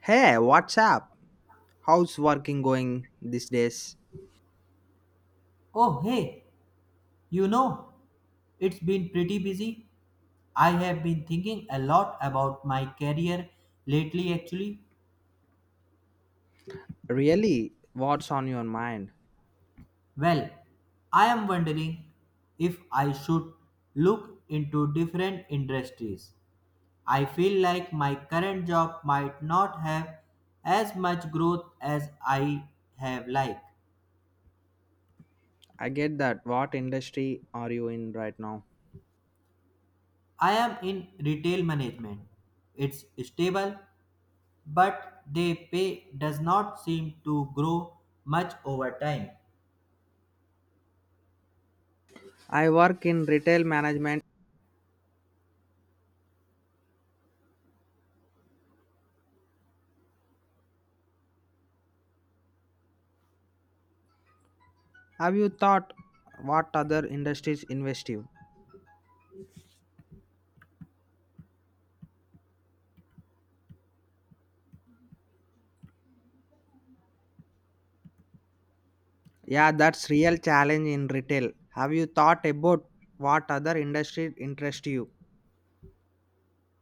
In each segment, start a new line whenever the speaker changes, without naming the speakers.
Hey, what's up? How's working going these days?
Oh, hey, you know, it's been pretty busy. I have been thinking a lot about my career lately, actually.
Really, what's on your mind?
Well, I am wondering if I should look into different industries. I feel like my current job might not have as much growth as I have liked.
I get that. What industry are you in right now?
I am in retail management. It's stable, but their pay does not seem to grow much over time.
I work in retail management. Have you thought what other industries invest you? Yeah, that's real challenge in retail. Have you thought about what other industry interest you?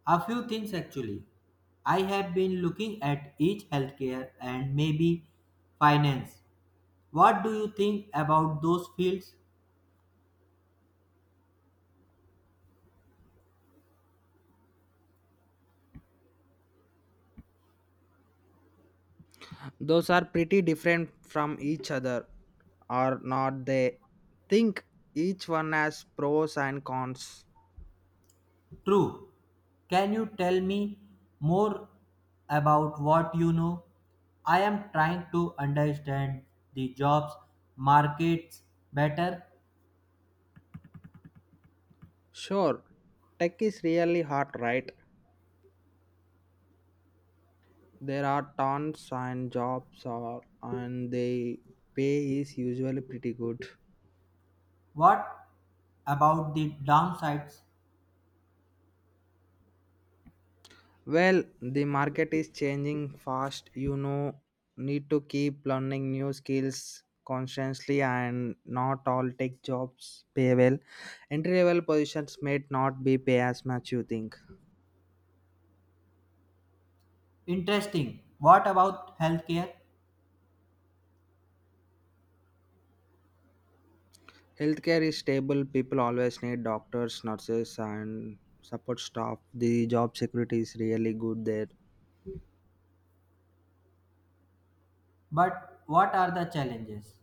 A few things actually. I have been looking at each healthcare and maybe finance. What do you think about those fields?
Those are pretty different from each other, or not they? Think each one has pros and cons.
True. Can you tell me more about what you know? I am trying to understand the jobs markets better.
Sure, tech is really hard, right? There are tons and jobs are, and the pay is usually pretty good.
What about the downsides?
Well, the market is changing fast. You know, need to keep learning new skills constantly and not all tech jobs pay well. Entry level positions may not be pay as much you think.
Interesting. What about healthcare?
Healthcare is stable. People always need doctors, nurses and support staff. The job security is really good there.
But what are the challenges?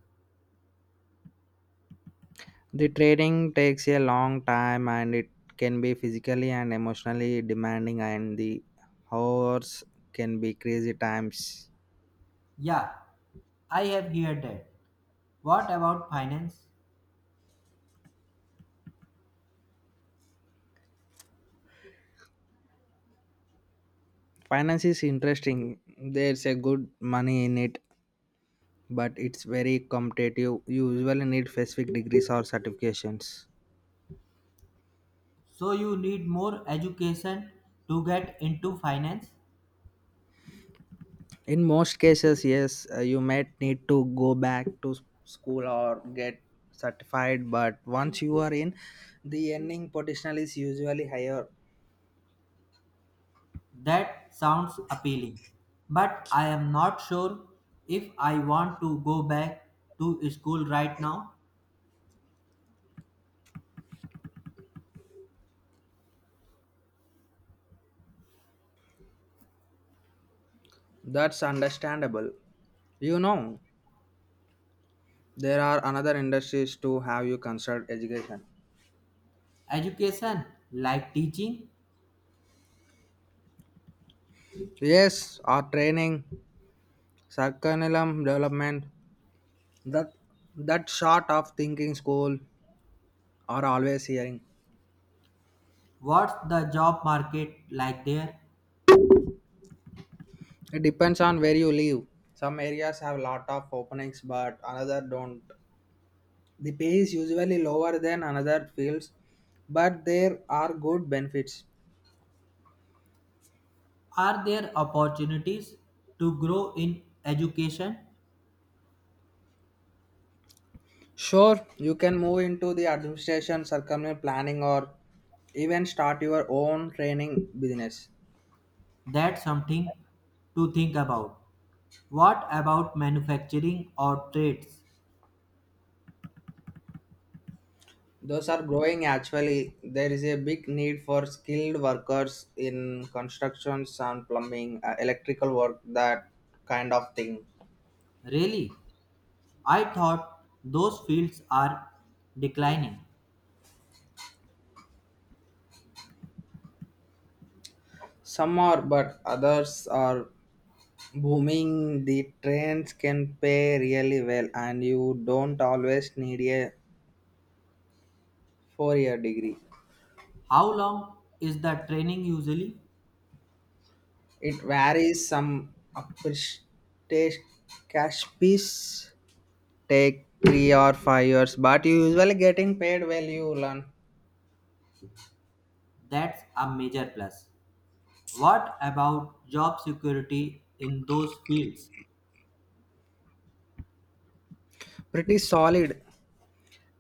The training takes a long time and it can be physically and emotionally demanding and the hours can be crazy times.
Yeah, I have heard that. What about finance?
Finance is interesting. There's a good money in it, but it's very competitive. You usually need specific degrees or certifications.
So you need more education to get into finance?
In most cases, yes, you might need to go back to school or get certified, but once you are in, the earning potential is usually higher.
That sounds appealing. But I am not sure if I want to go back to school right now.
That's understandable. You know, there are another industries to have you considered education.
Education, like teaching,
Yes, or training, curriculum development. That that sort of thinking school are always hearing.
what's the job market like there?
It depends on where you live. Some areas have lot of openings, but another don't. The pay is usually lower than another fields, but there are good benefits.
Are there opportunities to grow in education?
Sure, you can move into the administration, circumvent planning, or even start your own training business.
That's something to think about. What about manufacturing or trades?
Those are growing actually. There is a big need for skilled workers in constructions and plumbing, electrical work, that kind of thing.
Really? I thought those fields are declining.
Some are, but others are booming. The trends can pay really well, and you don't always need a 4-year degree.
How long is the training usually?
It varies some upstage cash piece take 3 or 5 years, but you usually getting paid well you learn.
That's a major plus. What about job security in those fields?
Pretty solid.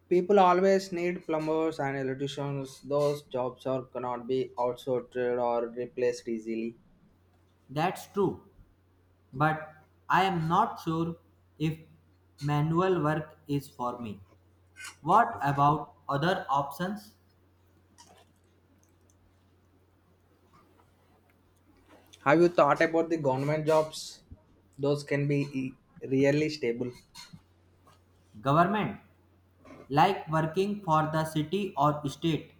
People always need plumbers and electricians. Those jobs are cannot be outsourced or replaced easily.
That's true, but I am not sure if manual work is for me. What about other options?
Have you thought about the government jobs? Those can be really stable.
Government, like working for the city or state?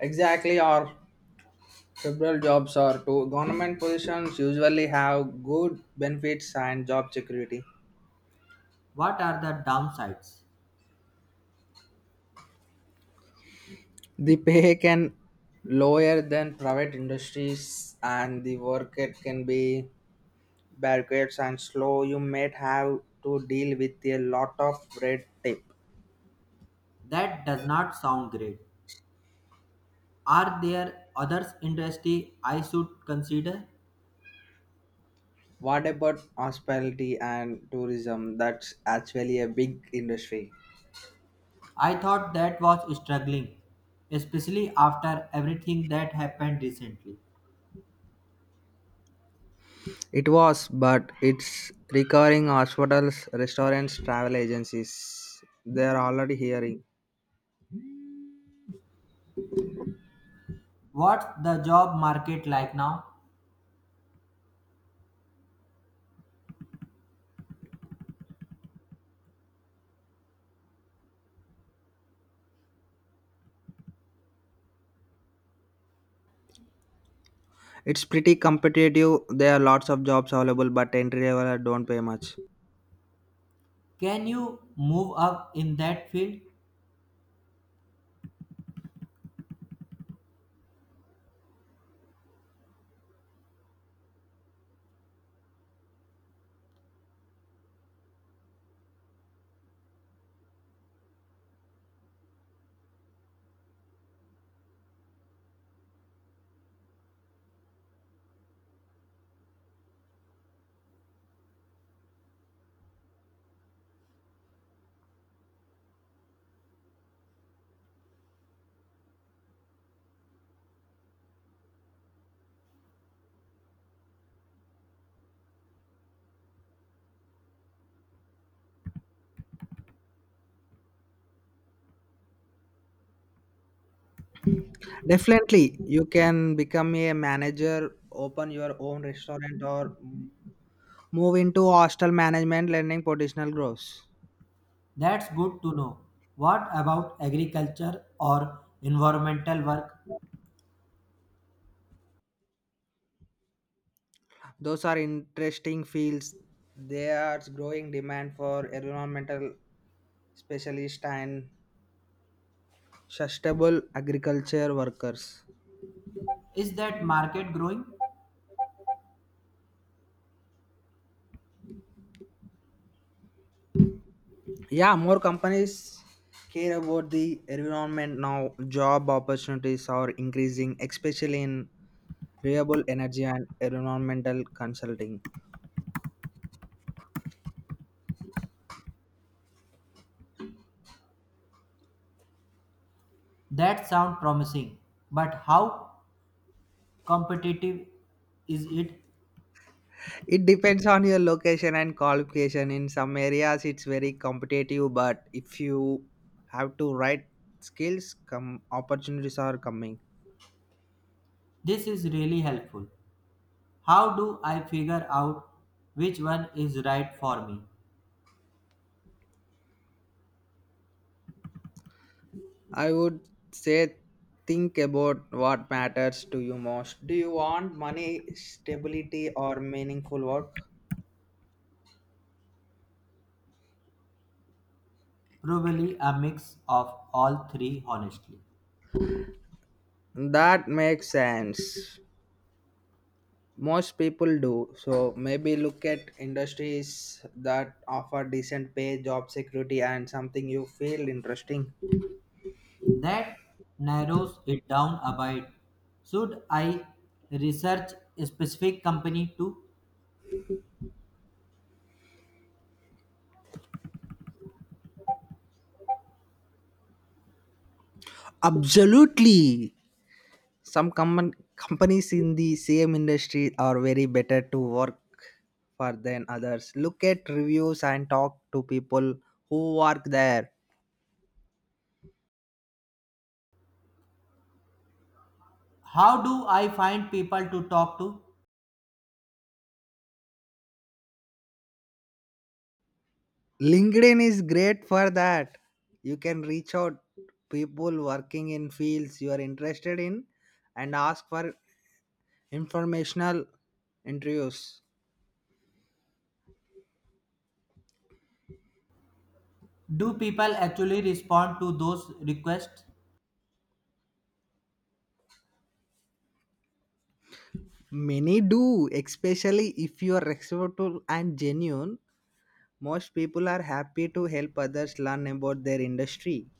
Exactly, or federal jobs or to government positions usually have good benefits and job security.
What are the downsides?
The pay can lower than private industries and the work it can be barricades and slow. You may have to deal with a lot of red tape.
That does not sound great. Are there others industry I should consider?
What about hospitality and tourism? That's actually a big industry.
I thought that was struggling, especially after everything that happened recently.
It was, but it's recurring hospitals, restaurants, travel agencies. They're already hearing.
What's the job market like now?
It's pretty competitive. There are lots of jobs available, but entry level don't pay much.
Can you move up in that field?
Definitely, you can become a manager, open your own restaurant, or move into hostel management, learning professional growth.
That's good to know. What about agriculture or environmental work?
Those are interesting fields. There's growing demand for environmental specialists and sustainable agriculture workers.
Is that market growing?
Yeah, more companies care about the environment now. Job opportunities are increasing, especially in renewable energy and environmental consulting.
That sounds promising, but how competitive is it?
It depends on your location and qualification. In some areas, it's very competitive, but if you have to right skills, come opportunities are coming.
This is really helpful. How do I figure out which one is right for me?
I would say think about what matters to you most. Do you want money, stability, or meaningful work?
Probably a mix of all three, honestly.
That makes sense. Most people do. So maybe look at industries that offer decent pay, job security, and something you feel interesting.
That narrows it down a bit. Should I research a specific company too?
Absolutely. Some common companies in the same industry are very better to work for than others. Look at reviews and talk to people who work there.
How do I find people to talk to?
LinkedIn is great for that. You can reach out people working in fields you are interested in and ask for informational interviews.
Do people actually respond to those requests?
Many do, especially if you are respectful and genuine. Most people are happy to help others learn about their industry.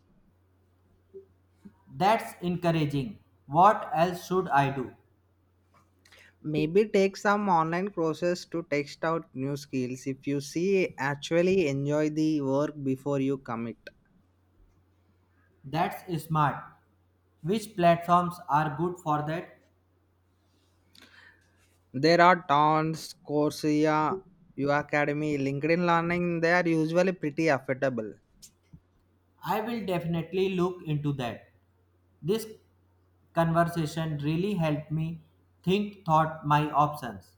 That's encouraging. What else should I do?
Maybe take some online courses to test out new skills if you see actually enjoy the work before you commit.
That's smart. Which platforms are good for that?
There are tons, Coursera, U Academy, LinkedIn Learning, they are usually pretty affordable.
I will definitely look into that. This conversation really helped me think thought my options.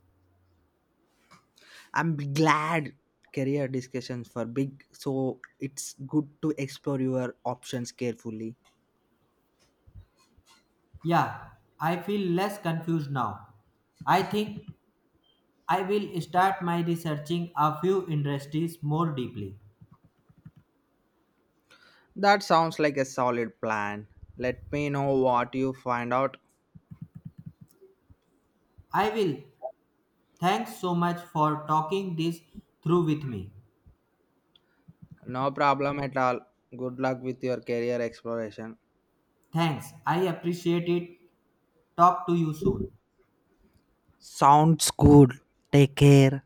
I'm glad career discussions for big, so it's good to explore your options carefully.
Yeah, I feel less confused now. I think I will start my researching a few industries more deeply.
That sounds like a solid plan. Let me know what you find out.
I will. Thanks so much for talking this through with me.
No problem at all. Good luck with your career exploration.
Thanks. I appreciate it. Talk to you soon.
Sounds good. Take care.